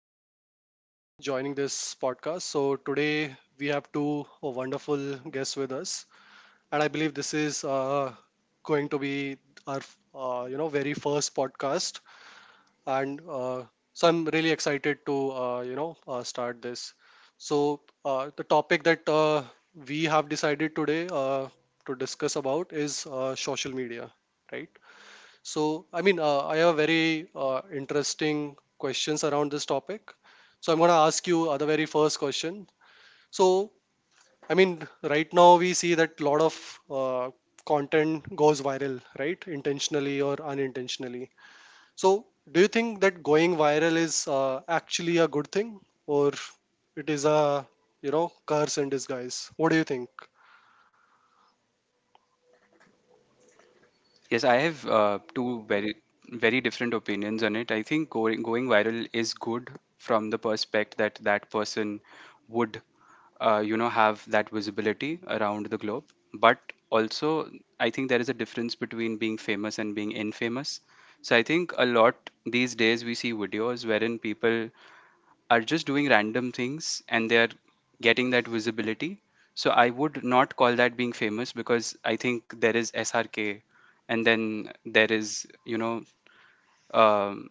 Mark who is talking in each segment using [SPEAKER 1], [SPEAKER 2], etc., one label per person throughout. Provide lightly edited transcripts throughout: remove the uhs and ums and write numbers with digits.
[SPEAKER 1] for joining this podcast. So, today we have two wonderful guests with us, and I believe this is going to be our very first podcast. And so, I'm really excited to start this. So, the topic that we have decided today to discuss about is social media, right? So, I mean, I have very interesting questions around this topic. So, I'm going to ask you the very first question. So, I mean, right now we see that a lot of content goes viral, right? Intentionally or unintentionally. So, do you think that going viral is actually a good thing or it is a, you know, curse in disguise? What do you think?
[SPEAKER 2] Yes, I have 2 very different opinions on it. I think going viral is good from the perspective that that person would have that visibility around the globe. But also, I think there is a difference between being famous and being infamous. So I think a lot these days we see videos wherein people are just doing random things and they are getting that visibility. So I would not call that being famous because I think there is SRK and then there is, um,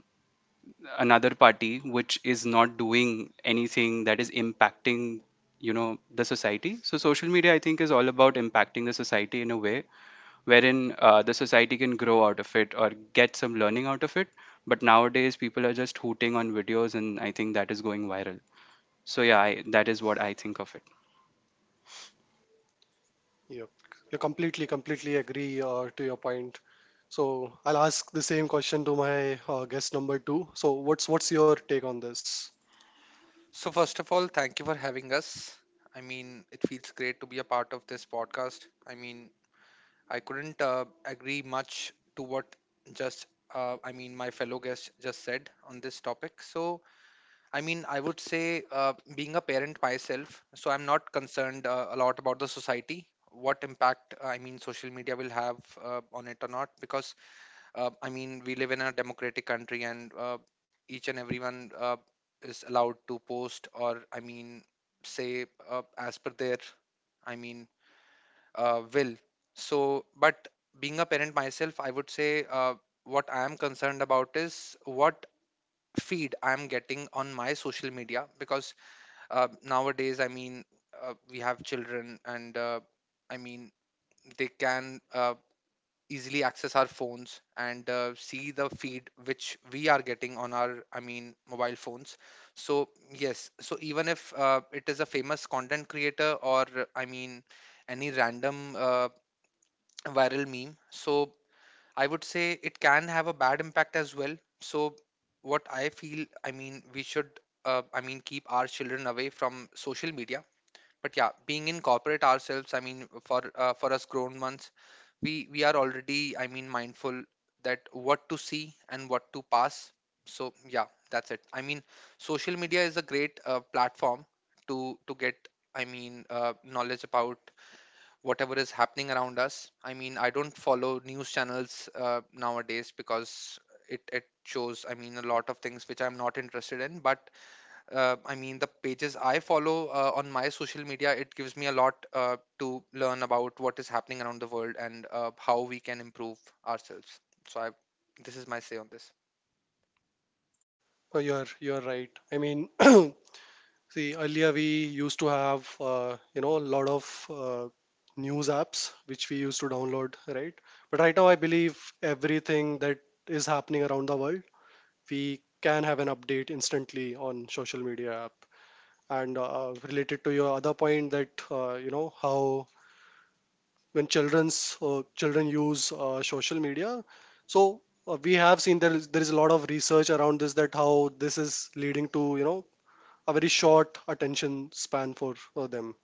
[SPEAKER 2] another party which is not doing anything that is impacting, you know, the society. So social media, I think, is all about impacting the society in a way wherein the society can grow out of it or get some learning out of it. But nowadays, people are just hooting on videos, and I think that is going viral. So yeah, that is what I think of it.
[SPEAKER 1] Yep. You completely, completely agree to your point. So I'll ask the same question to my guest number two. So what's your take on this?
[SPEAKER 3] So, first of all, thank you for having us. It feels great to be a part of this podcast. I couldn't agree much to what just, my fellow guest just said on this topic. So, I would say, being a parent myself, so I'm not concerned a lot about the society, what impact, social media will have on it or not, because we live in a democratic country, and each and everyone is allowed to post or, say as per their, I mean, will. So, but being a parent myself, I would say what I am concerned about is what feed I am getting on my social media because nowadays, we have children, and I mean, they can easily access our phones and see the feed which we are getting on our mobile phones. So yes, so even if it is a famous content creator or any random viral meme, so I would say it can have a bad impact as well. So what I feel, we should keep our children away from social media. But yeah, being in corporate ourselves, for us grown ones, we are already, mindful that what to see and what to pass. So yeah, that's it. I mean, social media is a great platform to get, knowledge about whatever is happening around us. I mean, I don't follow news channels nowadays because it shows, a lot of things which I'm not interested in. But the pages I follow on my social media, it gives me a lot to learn about what is happening around the world and how we can improve ourselves. So I This is my say on this.
[SPEAKER 1] Oh, you're right. I mean, see, earlier we used to have a lot of news apps which we used to download, right? But right now, I believe everything that is happening around the world, we can have an update instantly on social media app. And related to your other point that how when children use social media so we have seen there is a lot of research around this that how this is leading to you know a very short attention span for them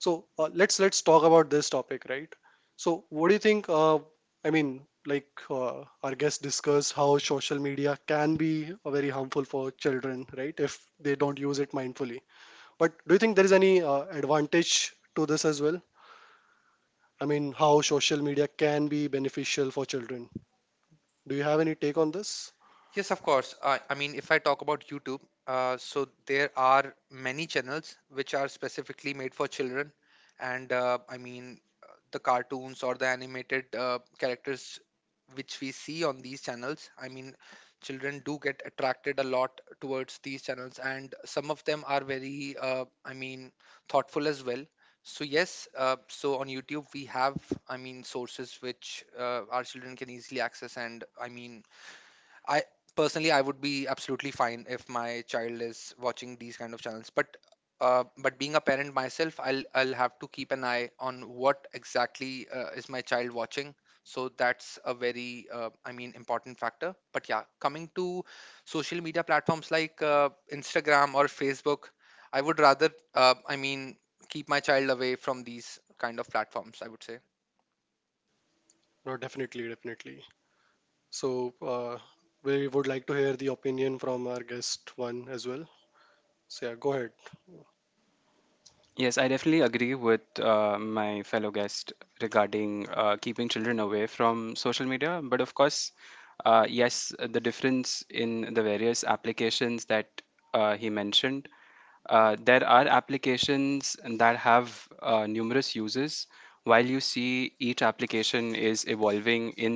[SPEAKER 1] so let's talk about this topic, right? So what do you think? I mean, like our guest discussed how social media can be very harmful for children, right? If they don't use it mindfully, but do you think there is any advantage to this as well? I mean, how social media can be beneficial for children. Do you have any take on this?
[SPEAKER 3] Yes, of course. I mean, if I talk about YouTube, so there are many channels which are specifically made for children, and the cartoons or the animated characters which we see on these channels. Children do get attracted a lot towards these channels, and some of them are very, thoughtful as well. So yes, so on YouTube we have, sources which our children can easily access, and I mean I personally I would be absolutely fine if my child is watching these kind of channels. But being a parent myself, I'll have to keep an eye on what exactly is my child watching. So that's a very important factor. But yeah, coming to social media platforms like Instagram or Facebook, I would rather keep my child away from these kind of platforms, I would say.
[SPEAKER 1] No, definitely, definitely. So, we would like to hear the opinion from our guest one as well. So, yeah, go ahead.
[SPEAKER 2] Yes, I definitely agree with my fellow guest regarding keeping children away from social media. But of course, yes, the difference in the various applications that he mentioned. There are applications that have numerous uses. While you see each application is evolving in,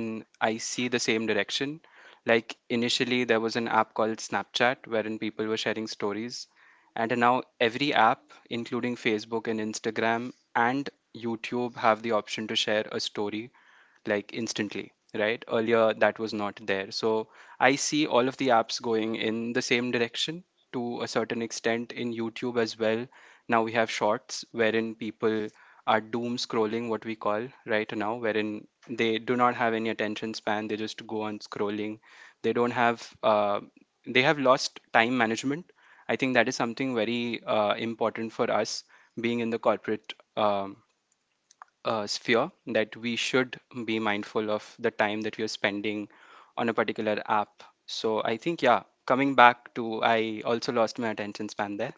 [SPEAKER 2] I see the same direction. Like initially, there was an app called Snapchat wherein people were sharing stories. And now every app, including Facebook and Instagram and YouTube, have the option to share a story like instantly, right? Earlier that was not there, so I see all of the apps going in the same direction to a certain extent. In YouTube as well, now we have shorts wherein people are doom scrolling, what we call right now, wherein they do not have any attention span, they just go on scrolling. They don't have they have lost time management. I think that is something very important for us being in the corporate sphere, that we should be mindful of the time that we are spending on a particular app. So I think, yeah, coming back to, I also lost my attention span there,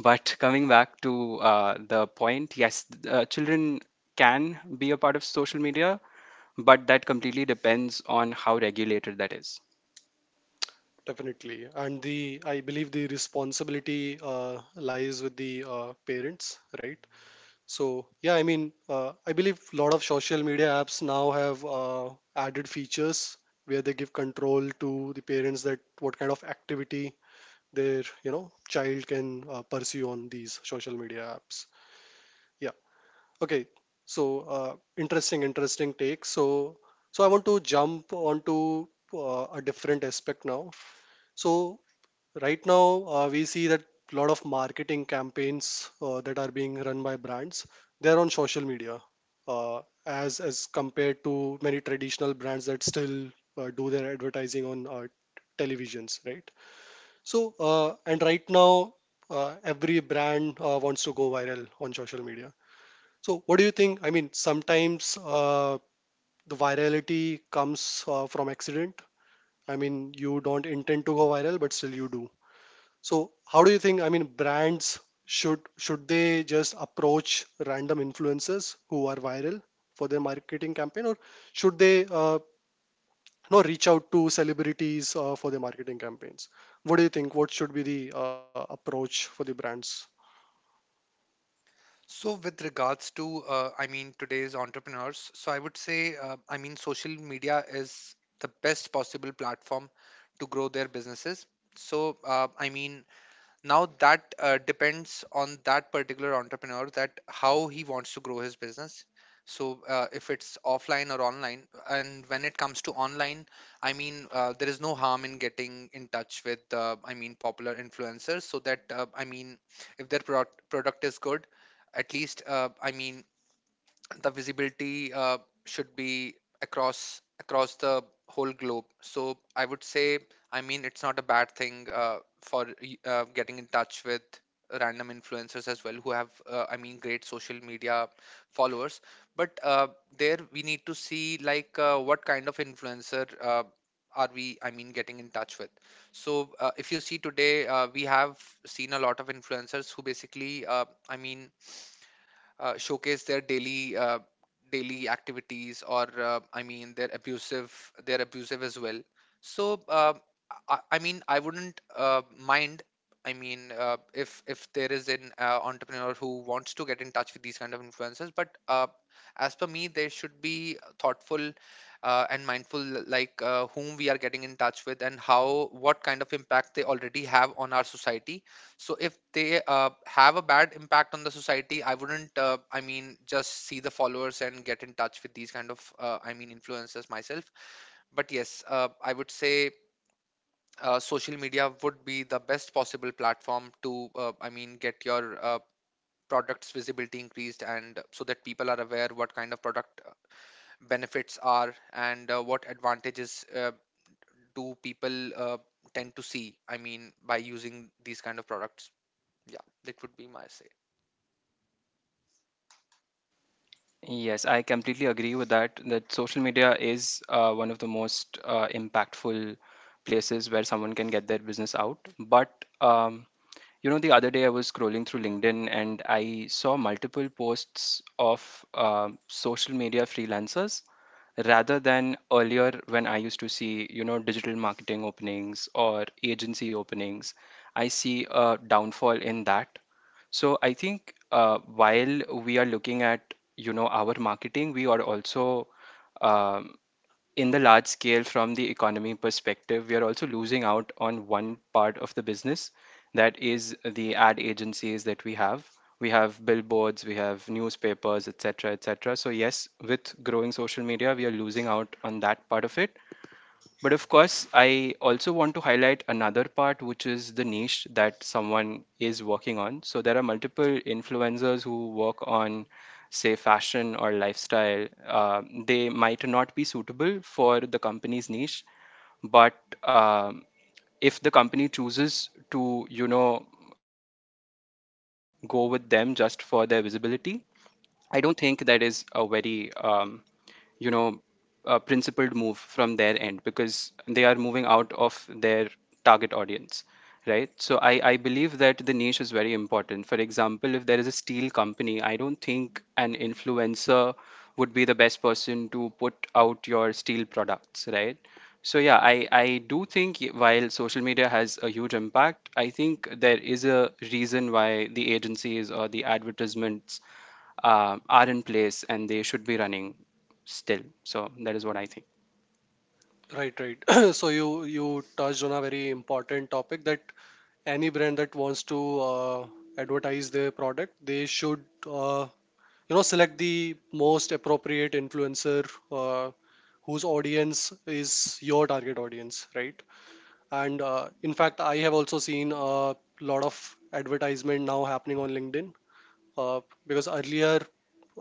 [SPEAKER 2] but coming back to the point, yes, children can be a part of social media, but that completely depends on how regulated that is.
[SPEAKER 1] Definitely. And the, I believe the responsibility lies with the parents, right? So, yeah, I mean, I believe a lot of social media apps now have added features where they give control to the parents that what kind of activity their you know child can pursue on these social media apps. Yeah. Okay. So interesting, take. So so I want to jump onto a different aspect now. So right now we see that a lot of marketing campaigns that are being run by brands, they're on social media, uh, as compared to many traditional brands that still do their advertising on televisions, right? So, and right now, every brand wants to go viral on social media. So, what do you think? I mean, sometimes the virality comes from accident. I mean, you don't intend to go viral, but still you do. So, how do you think? I mean, brands should they just approach random influencers who are viral for their marketing campaign, or should they reach out to celebrities for their marketing campaigns? What do you think? What should be the approach for the brands?
[SPEAKER 3] So, with regards to, today's entrepreneurs, so I would say, social media is the best possible platform to grow their businesses. So, now that depends on that particular entrepreneur, that how he wants to grow his business. So if it's offline or online. And when it comes to online, there is no harm in getting in touch with, popular influencers, so that if their product is good, at least, the visibility should be across the whole globe. So I would say, it's not a bad thing getting in touch with random influencers as well, who have great social media followers. But there we need to see, like what kind of influencer are we getting in touch with. So if you see today, we have seen a lot of influencers who basically showcase their daily activities, or they're abusive, they're abusive as well. So I wouldn't mind, if there is an entrepreneur who wants to get in touch with these kind of influencers. But as per me, they should be thoughtful and mindful, like whom we are getting in touch with and how, what kind of impact they already have on our society. So if they have a bad impact on the society, I wouldn't just see the followers and get in touch with these kind of, influencers myself. But yes, I would say social media would be the best possible platform to, get your product's visibility increased, and so that people are aware what kind of product benefits are, and what advantages do people tend to see, by using these kind of products. Yeah, that would be my say.
[SPEAKER 2] Yes, I completely agree with that, that social media is one of the most impactful places where someone can get their business out. But you know, the other day I was scrolling through LinkedIn and I saw multiple posts of social media freelancers rather than earlier when I used to see, you know, digital marketing openings or agency openings. I see a downfall in that. So I think while we are looking at, you know, our marketing, we are also um, in the large scale, from the economy perspective, we are also losing out on one part of the business, that is the ad agencies that we have. We have billboards, we have newspapers, etc., etc. So yes, with growing social media, we are losing out on that part of it. But of course, I also want to highlight another part, which is the niche that someone is working on. So there are multiple influencers who work on, say, fashion or lifestyle. They might not be suitable for the company's niche, but um, if the company chooses to, you know, go with them just for their visibility, I don't think that is a very you know, a principled move from their end, because they are moving out of their target audience, right? So I believe that the niche is very important. For example, if there is a steel company, I don't think an influencer would be the best person to put out your steel products, right? So yeah, I do think while social media has a huge impact, I think there is a reason why the agencies or the advertisements are in place and they should be running still. So that is what I think.
[SPEAKER 1] Right, right. So you touched on a very important topic that any brand that wants to uh, advertise their product, they should uh, select the most appropriate influencer uh, whose audience is your target audience, right? And in fact, I have also seen a lot of advertisement now happening on LinkedIn, uh, because earlier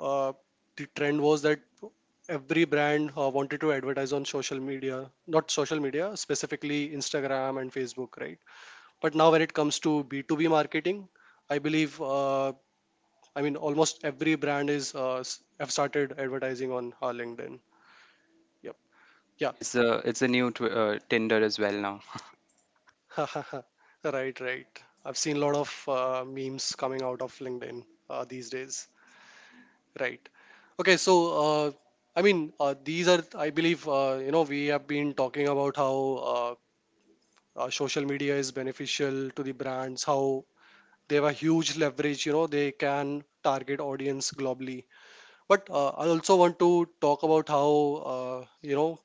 [SPEAKER 1] uh, the trend was that every brand wanted to advertise on social media, not social media specifically, Instagram and Facebook, right? But now when it comes to B2B marketing, I believe almost every brand is have started advertising on LinkedIn. Yep. Yeah.
[SPEAKER 2] It's a new Tinder as well now.
[SPEAKER 1] Right, right. I've seen a lot of memes coming out of LinkedIn these days. Right. Okay. So, uh, these are, I believe, we have been talking about how uh, social media is beneficial to the brands, how they have a huge leverage, you know, they can target audience globally. But I also want to talk about how, uh, you know,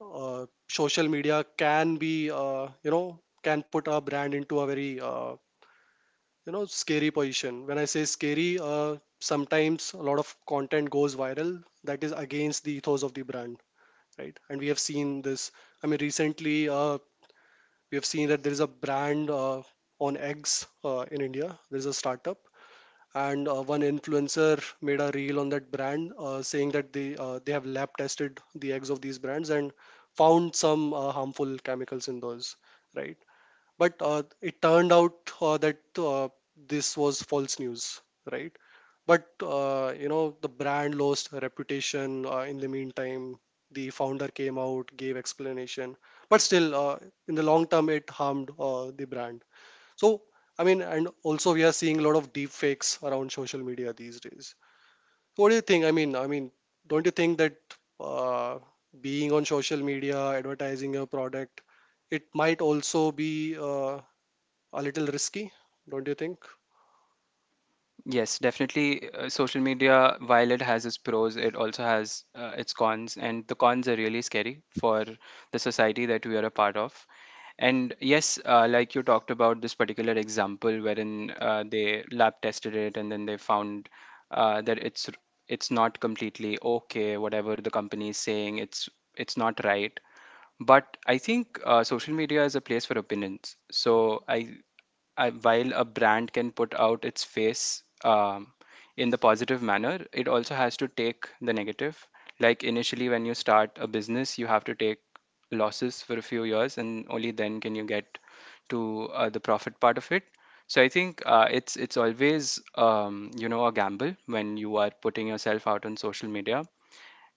[SPEAKER 1] social media can be, can put a brand into a very scary position. When I say scary, sometimes a lot of content goes viral that is against the ethos of the brand, right? And we have seen this. I mean, recently we have seen that there is a brand on eggs in India, there is a startup, and one influencer made a reel on that brand saying that they have lab tested the eggs of these brands and found some harmful chemicals in those, right? But it turned out that this was false news, right? But the brand lost her reputation in the meantime. The founder came out, gave explanation, but still, in the long term, it harmed the brand. So, I mean, and also we are seeing a lot of deep fakes around social media these days. So what do you think? I mean, don't you think that uh, being on social media, advertising your product, it might also be a little risky, don't you think?
[SPEAKER 2] Yes, definitely. Social media, while it has its pros, it also has its cons, and the cons are really scary for the society that we are a part of. And yes, like you talked about this particular example wherein they lab tested it and then they found that it's not completely okay, whatever the company is saying, it's not right. But I think social media is a place for opinions. So I, while a brand can put out its face in the positive manner, it also has to take the negative. Like initially, when you start a business, you have to take losses for a few years, and only then can you get to the profit part of it. So I think it's always you know, a gamble when you are putting yourself out on social media,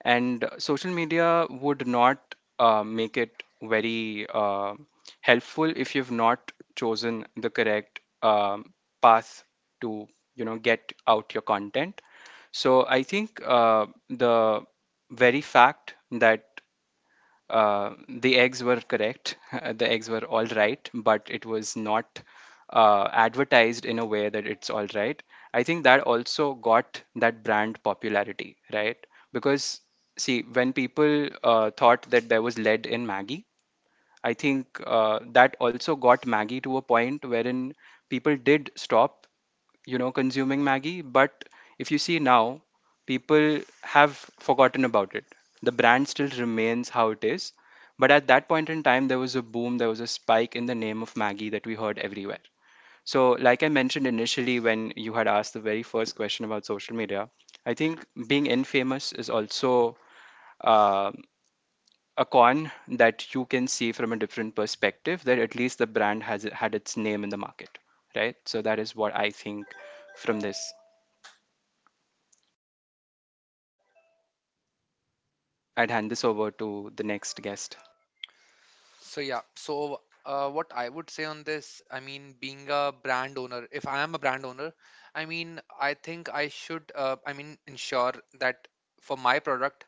[SPEAKER 2] and social media would not make it very helpful if you've not chosen the correct path to, you know, get out your content. So I think the very fact that the eggs were correct. The eggs were all right, but it was not advertised in a way that it's all right. I think that also got that brand popularity, right? Because, see, when people thought that there was lead in Maggie, I think that also got Maggie to a point wherein people did stop, you know, consuming Maggie. But if you see now, people have forgotten about it. The brand still remains how it is. But at that point in time, there was a boom, there was a spike in the name of Maggie that we heard everywhere. So, like I mentioned initially, when you had asked the very first question about social media, I think being infamous is also, uh, a con that you can see from a different perspective, that at least the brand has had its name in the market, right? So that is what I think. From this, I'd hand this over to the next guest.
[SPEAKER 3] So yeah, so what I would say on this, being a brand owner, if I am a brand owner, I think I should, ensure that for my product,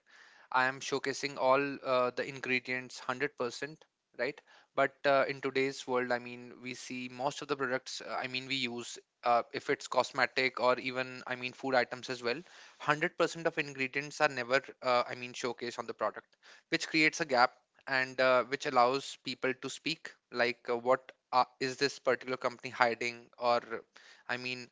[SPEAKER 3] I am showcasing all the ingredients 100%, right? But in today's world, we see most of the products, we use, if it's cosmetic or even, food items as well, 100% of ingredients are never, showcased on the product, which creates a gap and which allows people to speak, like what is this particular company hiding, or I mean,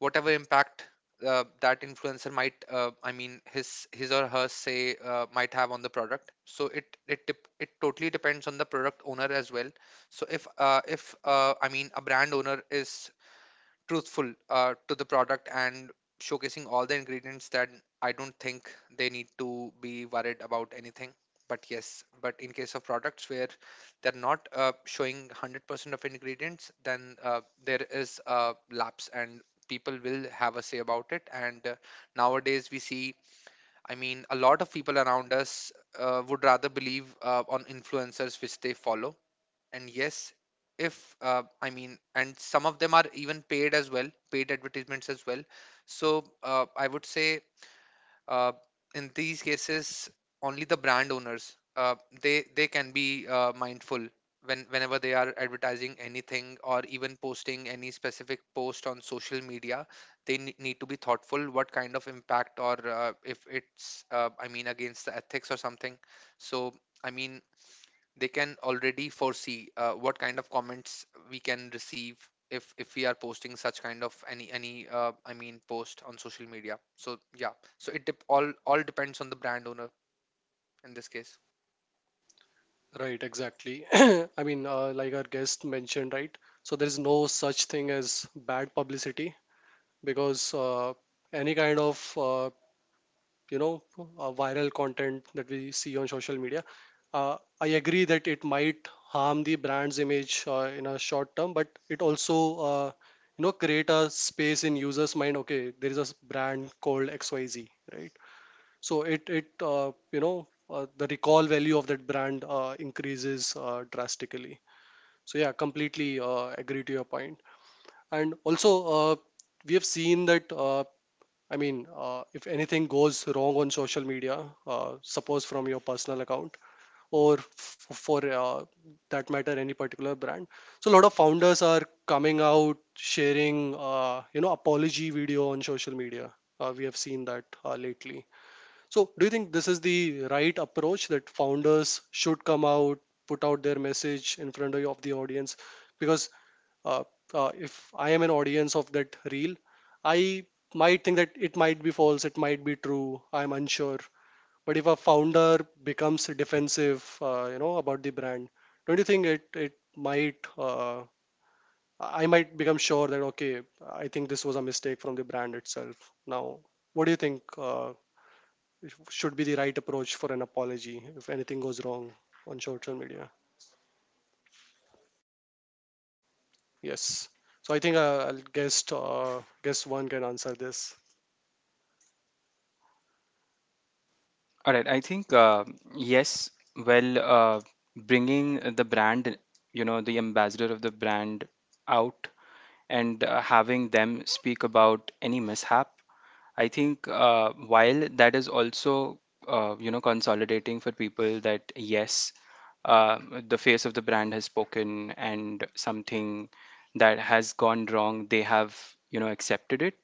[SPEAKER 3] whatever impact that influencer might, his or her say might have on the product. So it totally depends on the product owner as well. So if a brand owner is truthful to the product and showcasing all the ingredients, that I don't think they need to be worried about anything. But yes, but in case of products where they're not showing 100% of ingredients, then there is a lapse, and people will have a say about it. And nowadays we see, a lot of people around us would rather believe on influencers which they follow. And yes, if I mean and some of them are even paid as well, paid advertisements as well. So I would say uh, in these cases, only the brand owners, they can be mindful when, whenever they are advertising anything or even posting any specific post on social media, need to be thoughtful, what kind of impact, or if it's against the ethics or something. So, i mean they can already foresee what kind of comments we can receive if we are posting such kind of any post on social media. So yeah, so it all depends on the brand owner in this case.
[SPEAKER 1] Right, exactly. I mean, like our guest mentioned, right? So there is no such thing as bad publicity, because any kind of viral content that we see on social media, I agree that it might harm the brand's image in a short term, but it also uh, create a space in users' mind. Okay, there is a brand called XYZ, right? So it you know the recall value of that brand increases drastically. So yeah, completely agree to your point. And also we have seen that if anything goes wrong on social media, suppose from your personal account or for that matter any particular brand, so a lot of founders are coming out sharing apology video on social media. We have seen that lately. So, do you think this is the right approach that founders should come out, put out their message in front of the audience? Because uh, if I am an audience of that reel, I might think that it might be false, it might be true, I'm unsure. But if a founder becomes defensive, about the brand, don't you think it it might I might become sure that okay, I think this was a mistake from the brand itself. Now, what do you think should be the right approach for an apology if anything goes wrong on social media. Yes. So I think I'll guess guess one can answer this.
[SPEAKER 2] All right, I think yes, well, bringing the brand, you know, the ambassador of the brand out and having them speak about any mishap, I think while that is also you know, consolidating for people that yes, uh, the face of the brand has spoken, and something that has gone wrong, they have, you know, accepted it.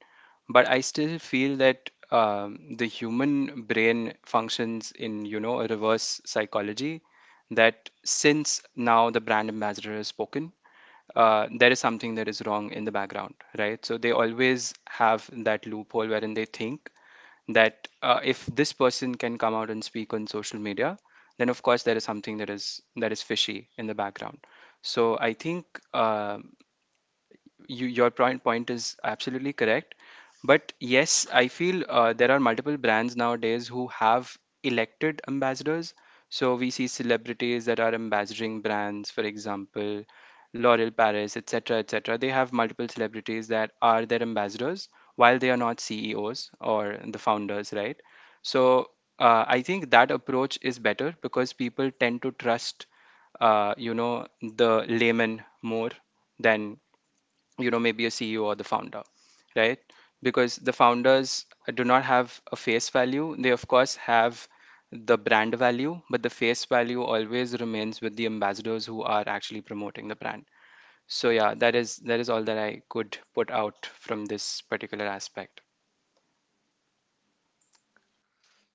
[SPEAKER 2] But I still feel that the human brain functions in, you know, a reverse psychology, that since now the brand ambassador has spoken, there is something that is wrong in the background, right? So they always have that loophole wherein they think that if this person can come out and speak on social media, then of course there is something that is fishy in the background. So I think. Um, you, your point is absolutely correct. But yes, I feel there are multiple brands nowadays who have elected ambassadors. So we see celebrities that are ambassadoring brands, for example, L'Oreal Paris, etc., etc. They have multiple celebrities that are their ambassadors, while they are not CEOs or the founders, right? So I think that approach is better because people tend to trust, you know, the layman more than, you know, maybe a CEO or the founder, right? Because the founders do not have a face value, they of course have the brand value, but the face value always remains with the ambassadors who are actually promoting the brand. So yeah, that is all that I could put out from this particular aspect.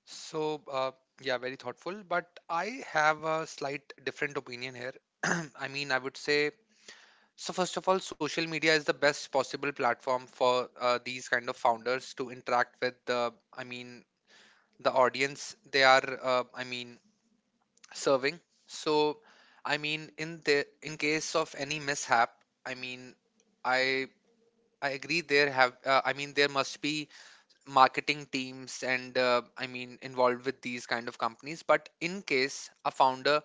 [SPEAKER 3] So yeah, very thoughtful. But I have a slight different opinion here. I would say so. First of all, social media is the best possible platform for these kind of founders to interact with the, the audience they are, serving. So, in the, in case of any mishap, I mean, I I agree there have, there must be marketing teams and involved with these kind of companies. But in case a founder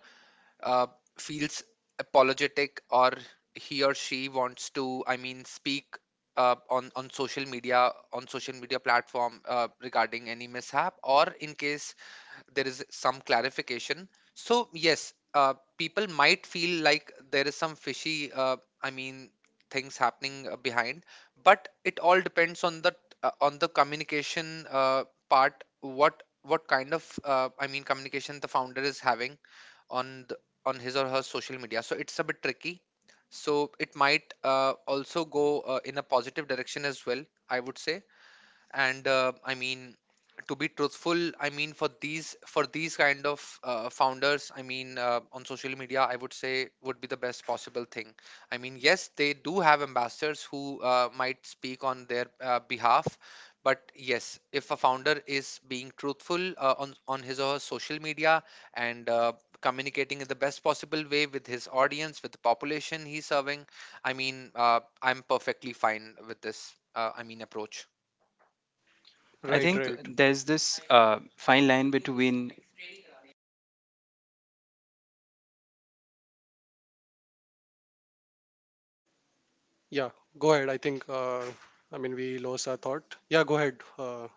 [SPEAKER 3] uh, feels apologetic, or he or she wants to, speak on social media, on social media platform, regarding any mishap or in case there is some clarification. So yes, people might feel like there is some fishy, I mean, things happening behind, but it all depends on the communication part. What kind of communication the founder is having on the, on his or her social media. So it's a bit tricky. So it might also go in a positive direction as well, I would say. And to be truthful, for these kind of founders, on social media, I would say would be the best possible thing. I mean, yes, they do have ambassadors who might speak on their behalf. But yes, if a founder is being truthful on his or her social media and communicating in the best possible way with his audience, with the population he's serving, I'm perfectly fine with this approach.
[SPEAKER 2] I
[SPEAKER 1] Right,
[SPEAKER 2] think
[SPEAKER 1] right.
[SPEAKER 2] there's this fine line between.
[SPEAKER 1] Yeah, go ahead. I think I mean we lost our thought. Yeah, go ahead.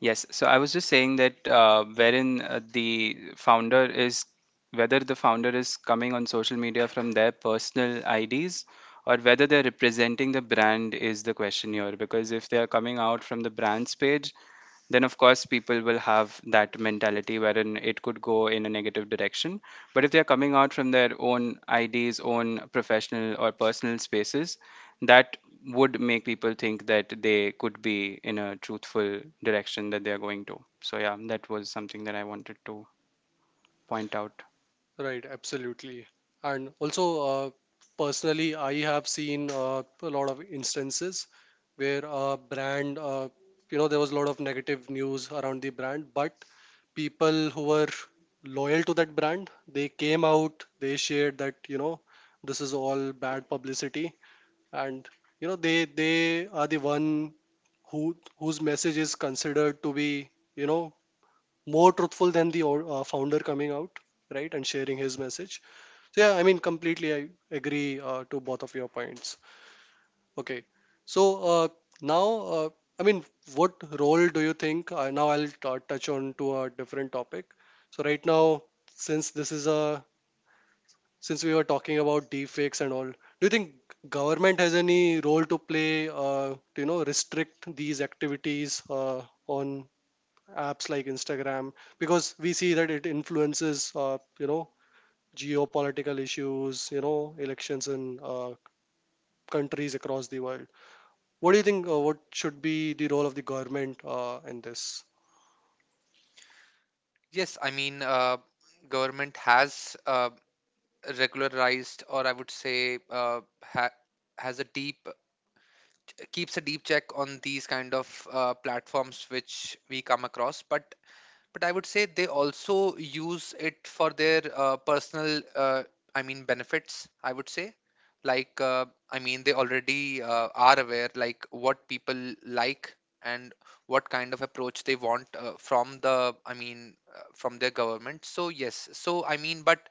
[SPEAKER 2] Yes, so I was just saying that wherein the founder is whether the founder is coming on social media from their personal IDs or whether they're representing the brand is the question here. Because if they are coming out from the brand's page, then of course people will have that mentality wherein it could go in a negative direction. But if they are coming out from their own IDs, own professional or personal spaces, that would make people think that they could be in a truthful direction that they are going to. So yeah, that was something that I wanted to point out.
[SPEAKER 1] Right, absolutely. And also, uh, personally, I have seen a lot of instances where a brand, there was a lot of negative news around the brand, but people who were loyal to that brand, they came out, they shared that you know this is all bad publicity, and you know they are the one who whose message is considered to be you know more truthful than the founder coming out, right? And sharing his message. So yeah, I mean, completely I agree to both of your points. Okay. So now, uh, I mean, what role do you think? Now I'll touch on to a different topic. So right now, since this is a since we were talking about deepfakes and all, do you think government has any role to play? To, you know, restrict these activities on apps like Instagram, because we see that it influences, geopolitical issues, you know, elections in countries across the world. What do you think? What should be the role of the government in this?
[SPEAKER 3] Yes, government has regularized, or I would say, ha has a deep, keeps a deep check on these kind of platforms which we come across. But I would say they also use it for their personal, benefits, I would say. Like, they already are aware, like what people like and what kind of approach they want from the, from their government. So yes, so I mean, but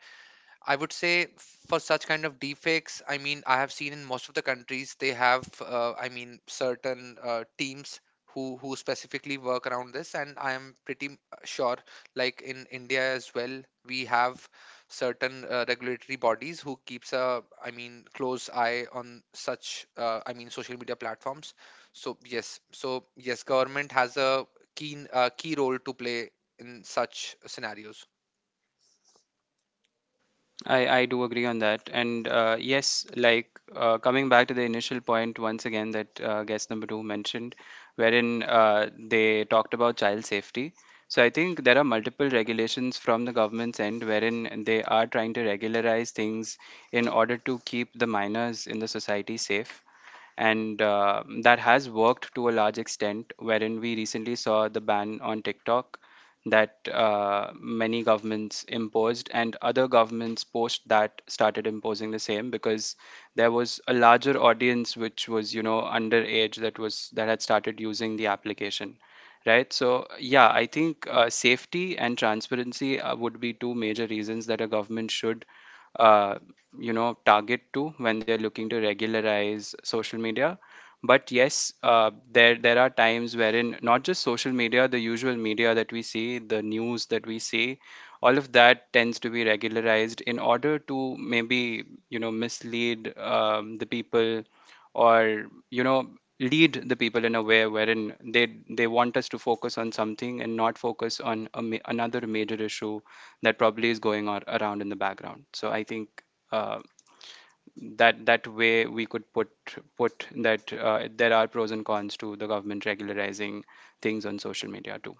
[SPEAKER 3] I would say, for such kind of deepfakes, I have seen in most of the countries they have, certain teams who specifically work around this. And I am pretty sure, like in India as well, we have certain regulatory bodies who keeps a, close eye on such, social media platforms. So yes, so yes, government has a keen key role to play in such scenarios.
[SPEAKER 2] I do agree on that. And yes, like coming back to the initial point once again that guest number two mentioned, wherein they talked about child safety. So I think there are multiple regulations from the government's end wherein they are trying to regularize things in order to keep the minors in the society safe, and that has worked to a large extent wherein we recently saw the ban on TikTok that many governments imposed, and other governments post that started imposing the same because there was a larger audience, which was, you know, underage, that was that had started using the application, right? So yeah, I think safety and transparency would be two major reasons that a government should uh, target to when they're looking to regularize social media. But yes, there there are times wherein, not just social media, the usual media that we see, the news that we see, all of that tends to be regularized in order to maybe, you know, mislead the people, or, you know, lead the people in a way wherein they want us to focus on something and not focus on another major issue that probably is going on around in the background. So I think uh, that that way we could put that there are pros and cons to the government regularizing things on social media too.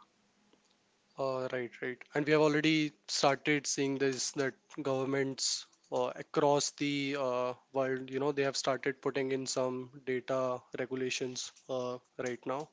[SPEAKER 1] Right, right. And we have already started seeing this that governments across the world, you know, they have started putting in some data regulations right now.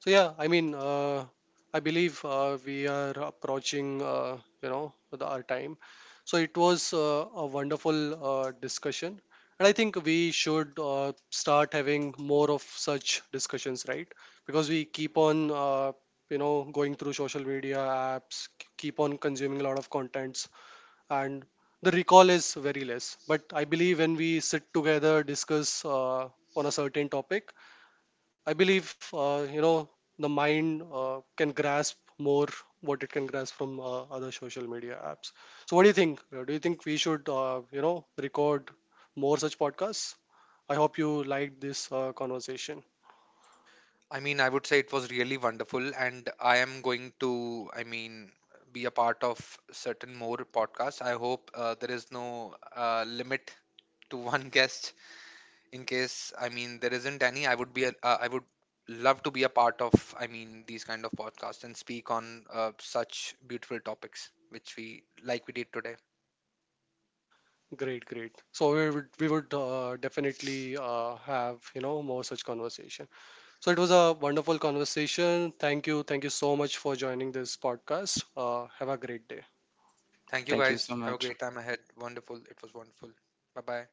[SPEAKER 1] So yeah, I mean, I believe we are approaching, the, our time. So it was a wonderful discussion, and I think we should start having more of such discussions, right? Because we keep on, going through social media apps, keep on consuming a lot of contents, and the recall is very less. But I believe when we sit together, discuss on a certain topic, I believe the mind can grasp more what it can grasp from other social media apps. So what do you think? Do you think we should record more such podcasts? I hope you liked this conversation.
[SPEAKER 3] I would say it was really wonderful, and I am going to, be a part of certain more podcasts. I hope there is no limit to one guest. In case, there isn't any, I would love to be a part of, these kind of podcasts and speak on such beautiful topics, which we did today.
[SPEAKER 1] Great, great. So we would definitely have you know more such conversation. So it was a wonderful conversation. Thank you so much for joining this podcast. Have a great day.
[SPEAKER 3] Thank you
[SPEAKER 2] Thank you so
[SPEAKER 3] guys. Have a
[SPEAKER 2] much.
[SPEAKER 3] great time ahead. Wonderful. It was wonderful. Bye bye.